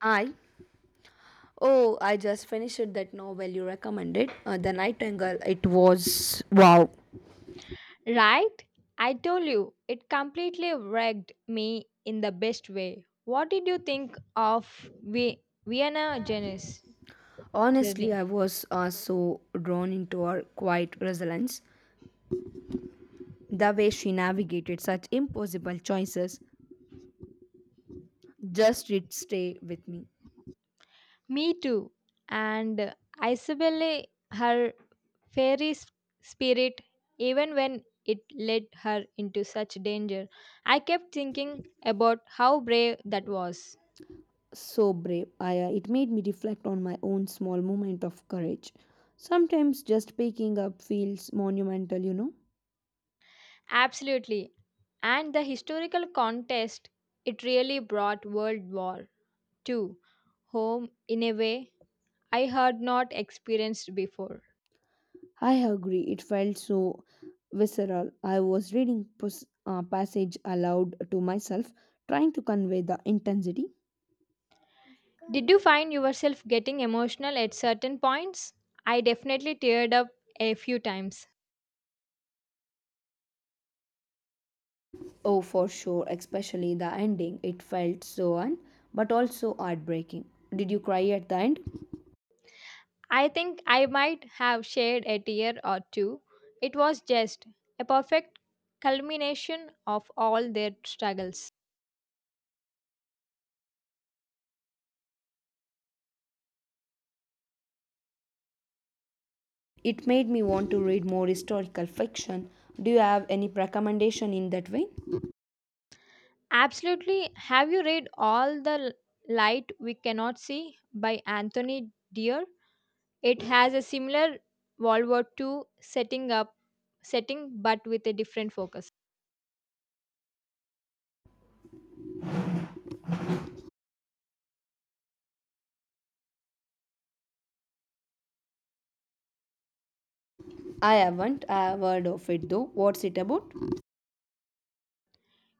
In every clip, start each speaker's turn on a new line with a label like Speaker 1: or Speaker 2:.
Speaker 1: I oh I just finished that novel you recommended, The Nightingale. It was wow.
Speaker 2: Right? I told you, it completely wrecked me in the best way. What did you think of Vienna Janice
Speaker 1: Honestly,
Speaker 2: journey?
Speaker 1: I was so drawn into her quiet resilience, the way she navigated such impossible choices. Just did stay with me.
Speaker 2: Me too. And Isabelle, her fairy s- spirit, even when it led her into such danger, I kept thinking about how brave that was.
Speaker 1: So brave. I it made me reflect on my own small moment of courage. Sometimes just picking up feels monumental.
Speaker 2: Absolutely. And the historical context it really brought World War to home in a way I had not experienced before.
Speaker 1: I agree, it felt so visceral. I was reading passage aloud to myself, trying to convey the intensity.
Speaker 2: Did you find yourself getting emotional at certain points? I definitely teared up a few times.
Speaker 1: Oh, for sure, especially the ending. It felt so un, but also heartbreaking. Did you cry at the end?
Speaker 2: I think I might have shed a tear or two. It was just a perfect culmination of all their struggles.
Speaker 1: It made me want to read more historical fiction. Do you have any recommendation in that vein?
Speaker 2: Absolutely. Have you read Light We Cannot See by Anthony Dear? It has a similar World War II setting but with a different focus.
Speaker 1: I haven't. I have heard of it though. What's it about?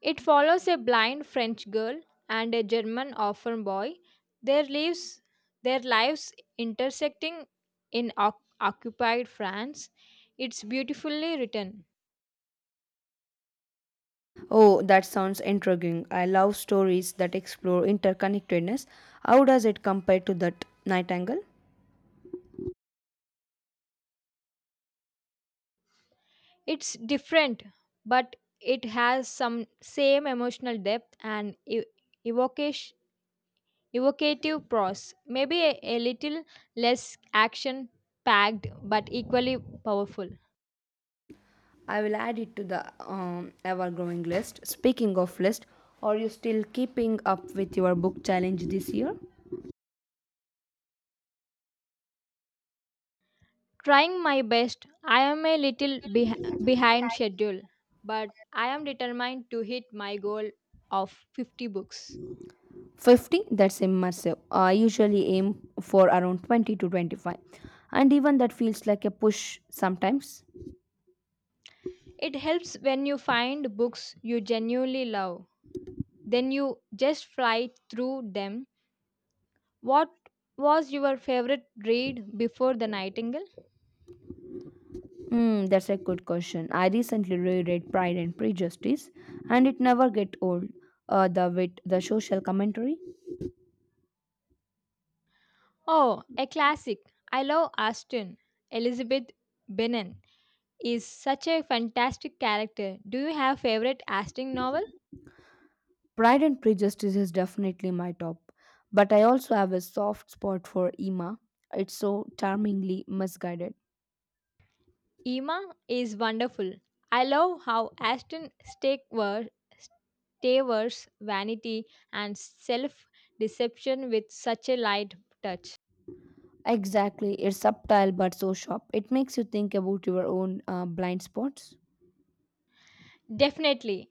Speaker 2: It follows a blind French girl and a German orphan boy, their lives their lives intersecting in occupied France. It's beautifully written.
Speaker 1: Oh, that sounds intriguing. I love stories that explore interconnectedness. How does it compare to that Nightingale?
Speaker 2: It's different, but it has some same emotional depth and e- evocation evocative prose, maybe a little less action packed but equally powerful.
Speaker 1: I will add it to the ever-growing list. Speaking of list, are you still keeping up with your book challenge this year?
Speaker 2: Trying my best, I am a little behind schedule, but I am determined to hit my goal of 50 books.
Speaker 1: 50, that's immersive. I usually aim for around 20 to 25, and even that feels like a push sometimes.
Speaker 2: It helps when you find books you genuinely love, then you just fly through them. What was your favorite read before The Nightingale?
Speaker 1: Mm, that's a good question. I recently reread Pride and Prejudice, and it never get old. The wit, the social commentary.
Speaker 2: Oh, a classic. I love Austen, Elizabeth Bennet is such a fantastic character. Do you have favorite Aston novel?
Speaker 1: Pride and Prejudice is definitely my top, but I also have a soft spot for Emma. It's so charmingly misguided.
Speaker 2: Emma is wonderful. I love how Aston Stakewer Staver's vanity and self-deception with such a light touch.
Speaker 1: Exactly, it's subtle but so sharp. It makes you think about your own blind spots.
Speaker 2: Definitely.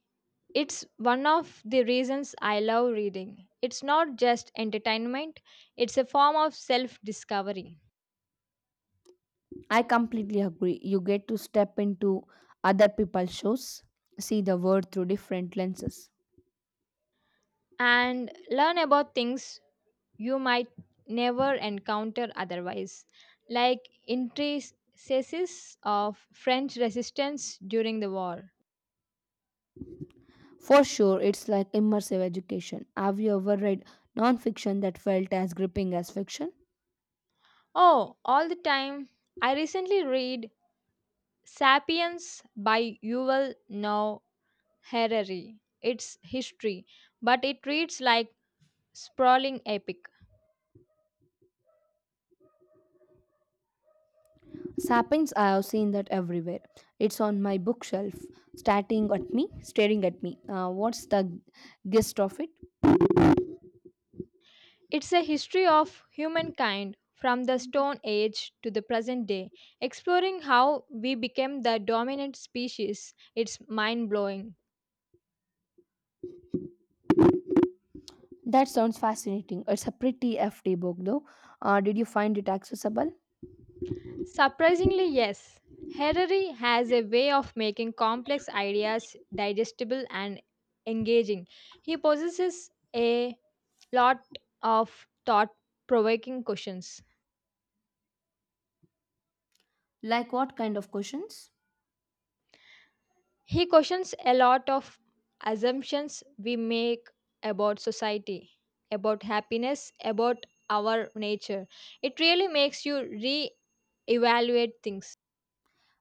Speaker 2: It's one of the reasons I love reading. It's not just entertainment, it's a form of self-discovery
Speaker 1: I completely agree. You get to step into other people's shoes, see the world through different lenses.
Speaker 2: and learn about things you might never encounter otherwise, like intricacies of French resistance during the war.
Speaker 1: For sure, it's like immersive education. Have you ever read non-fiction that felt as gripping as fiction?
Speaker 2: Oh, all the time. I recently read Sapiens by Yuval Noah Harari. It's history, but it reads like sprawling epic.
Speaker 1: Sapiens, I have seen that everywhere. It's on my bookshelf, staring at me, staring at me. What's the gist of it?
Speaker 2: It's a history of humankind from the Stone Age to the present day, exploring how we became the dominant species. It's mind blowing.
Speaker 1: That sounds fascinating. It's a pretty hefty book, though. Did you find it accessible?
Speaker 2: Surprisingly, yes. Harari has a way of making complex ideas digestible and engaging. He possesses a lot of thought provoking questions.
Speaker 1: Like what kind of questions?
Speaker 2: He questions a lot of assumptions we make about society, about happiness, about our nature. It really makes you re evaluate things.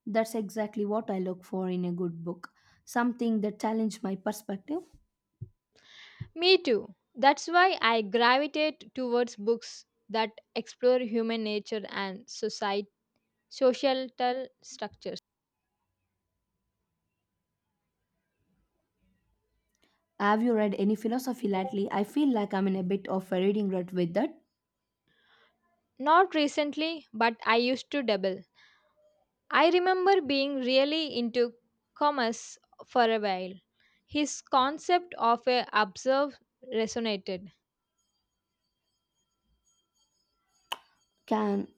Speaker 1: That's exactly what I look for in a good book. Something that challenges my perspective.
Speaker 2: Me too. That's why I gravitate towards books that explore human nature and societal structures.
Speaker 1: Have you read any philosophy lately? I feel like I'm in a bit of a reading rut with that.
Speaker 2: Not recently, but I used to dabble. I remember being really into commerce for a while. His concept of a observe resonated.
Speaker 1: Can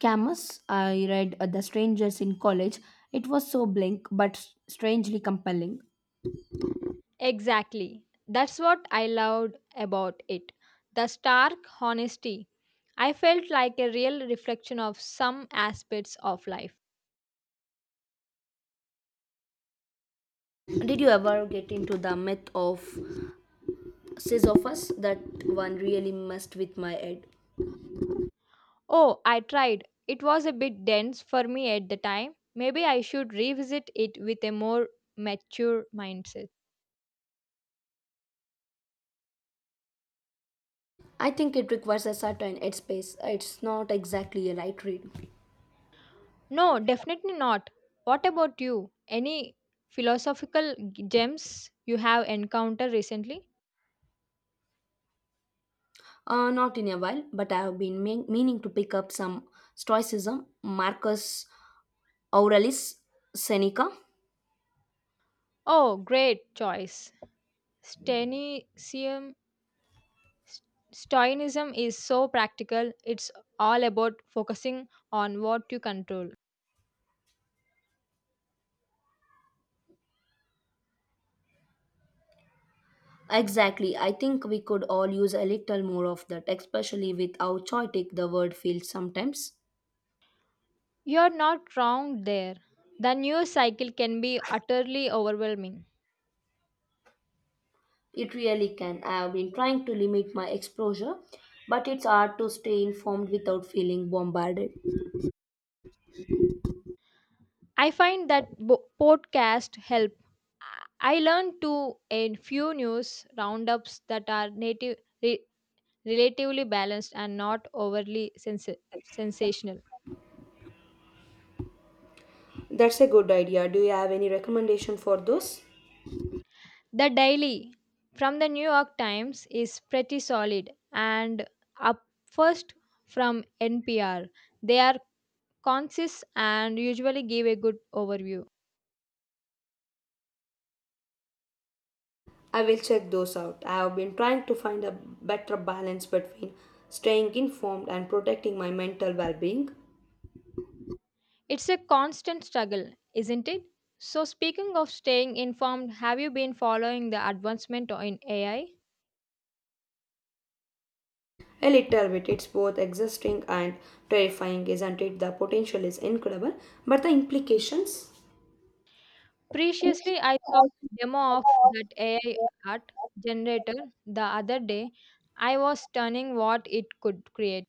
Speaker 1: Camus, I read The Strangers in College. It was so blank but strangely compelling.
Speaker 2: Exactly. That's what I loved about it. The stark honesty. I felt like a real reflection of some aspects of life.
Speaker 1: Did you ever get into the myth of Sisyphus? That one really messed with my head.
Speaker 2: Oh, I tried. It was a bit dense for me at the time. Maybe I should revisit it with a more mature mindset.
Speaker 1: I think it requires a certain headspace. It's not exactly a light read.
Speaker 2: No, definitely not. What about you? Any philosophical gems you have encountered recently?
Speaker 1: Not in a while, but I have been meaning to pick up some Stoicism, Marcus Aurelius Seneca.
Speaker 2: Oh, great choice. Stenicism, Stoicism is so practical. It's all about focusing on what you control.
Speaker 1: Exactly. I think we could all use a little more of that, especially with how chaotic the world feels sometimes.
Speaker 2: You're not wrong there. The news cycle can be utterly overwhelming.
Speaker 1: It really can. I have been trying to limit my exposure, but it's hard to stay informed without feeling bombarded.
Speaker 2: I find that podcast help. I learn to a few news roundups that are native, relatively balanced and not overly sensational.
Speaker 1: That's a good idea. Do you have any recommendation for those?
Speaker 2: The Daily from the New York Times is pretty solid, and up first from NPR. They are concise and usually give a good overview.
Speaker 1: I will check those out. I have been trying to find a better balance between staying informed and protecting my mental well-being.
Speaker 2: It's a constant struggle, isn't it? So, speaking of staying informed, have you been following the advancement in AI?
Speaker 1: A little bit. It's both exhausting and terrifying, isn't it? The potential is incredible, but the implications.
Speaker 2: Preciously, I saw a demo of that AI art generator the other day. I was stunning what it could create.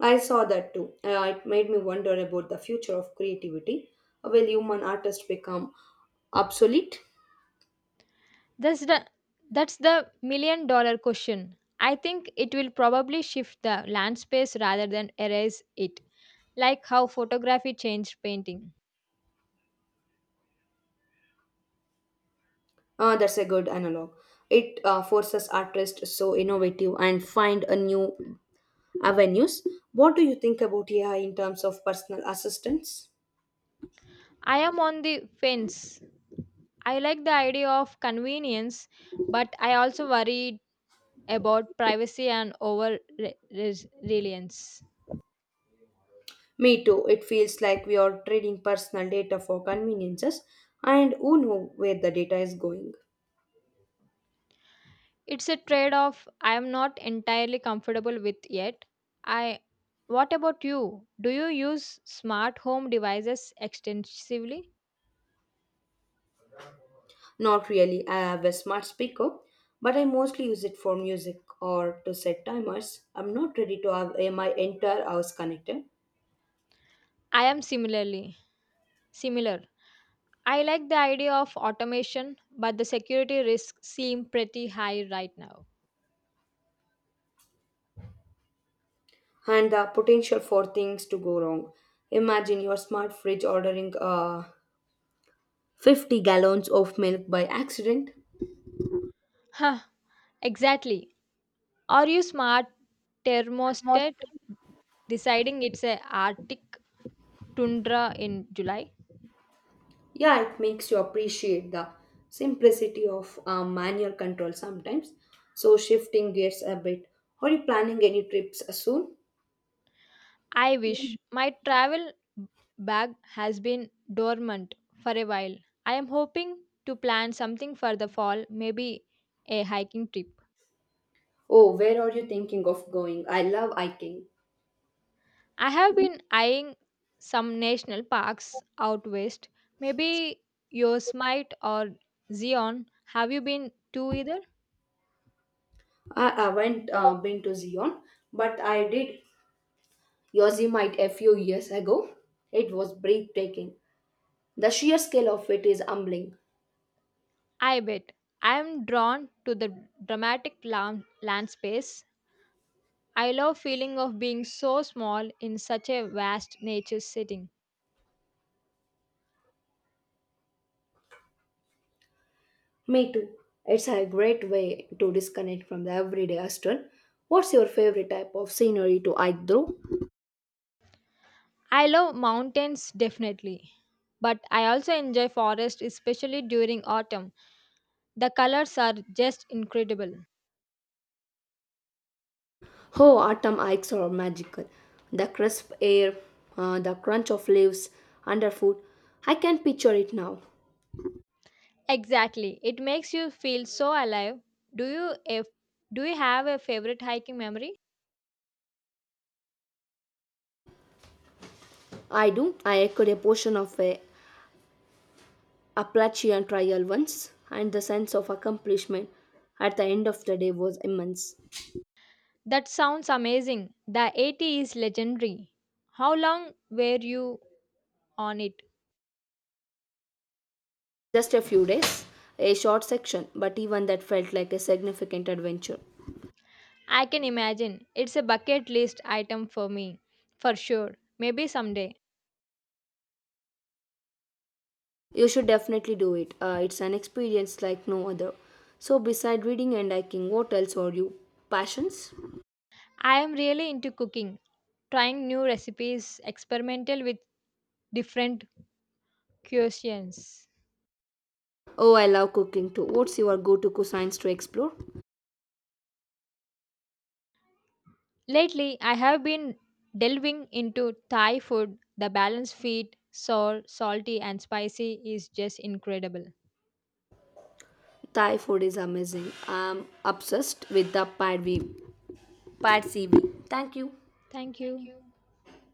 Speaker 1: I saw that too. It made me wonder about the future of creativity. Will human artists become obsolete?
Speaker 2: That's the that's the million dollar question. I think it will probably shift the land space rather than erase it, like how photography changed painting.
Speaker 1: That's a good analog. It forces artists so innovative and find a new avenues. What do you think about AI in terms of personal assistance?
Speaker 2: I am on the fence. I like the idea of convenience, but I also worry about privacy and over reliance.
Speaker 1: Me too. It feels like we are trading personal data for conveniences, and who know where the data is going?
Speaker 2: It's a trade-off I am not entirely comfortable with yet. I What about you? Do you use smart home devices extensively?
Speaker 1: Not really. I have a smart speaker, but I mostly use it for music or to set timers. I'm not ready to have my entire house connected,
Speaker 2: I am similar. I like the idea of automation, but the security risks seem pretty high right now.
Speaker 1: and the potential for things to go wrong. Imagine your smart fridge ordering 50 gallons of milk by accident.
Speaker 2: Huh, exactly. Are you smart thermostat deciding it's a Arctic tundra in July.
Speaker 1: Yeah, it makes you appreciate the simplicity of manual control sometimes. So, shifting gears a bit, are you planning any trips soon?
Speaker 2: I wish my travel bag has been dormant for a while. I am hoping to plan something for the fall, maybe a hiking trip.
Speaker 1: Oh, where are you thinking of going? I love hiking.
Speaker 2: I have been eyeing some national parks out west, maybe Yosemite or Zion. Have you been to either?
Speaker 1: I haven't been to Zion, but I did Yosemite a few years ago. It was breathtaking. The sheer scale of it is humbling.
Speaker 2: I bet. I am drawn to the dramatic land. I love feeling of being so small in such a vast nature setting.
Speaker 1: Me too. It's a great way to disconnect from the everyday hustle. What's your favorite type of scenery to hike through?
Speaker 2: I love mountains definitely, but I also enjoy forest especially during autumn. The colors are just incredible.
Speaker 1: Oh, autumn hikes are magical. The crisp air, the crunch of leaves underfoot. I can picture it now.
Speaker 2: Exactly. It makes you feel so alive. Do you if, do you have a favorite hiking memory?
Speaker 1: I do. I echoed a portion of a Appalachian trial once, and the sense of accomplishment at the end of the day was immense.
Speaker 2: That sounds amazing. The 80 is legendary. How long were you on it?
Speaker 1: Just a few days, a short section, but even that felt like a significant adventure.
Speaker 2: I can imagine. It's a bucket list item for me, for sure. Maybe someday.
Speaker 1: You should definitely do it. It's an experience like no other. So, beside reading and hiking, what else are you passions?
Speaker 2: I am really into cooking, trying new recipes, experimental with different cuisines.
Speaker 1: Oh, I love cooking too. What's your go to cuisines to explore?
Speaker 2: Lately, I have been delving into Thai food. The balanced feet, sour, salty, and spicy is just incredible.
Speaker 1: Thai food is amazing. I'm obsessed with the pad CV. Thank you.
Speaker 2: Thank you.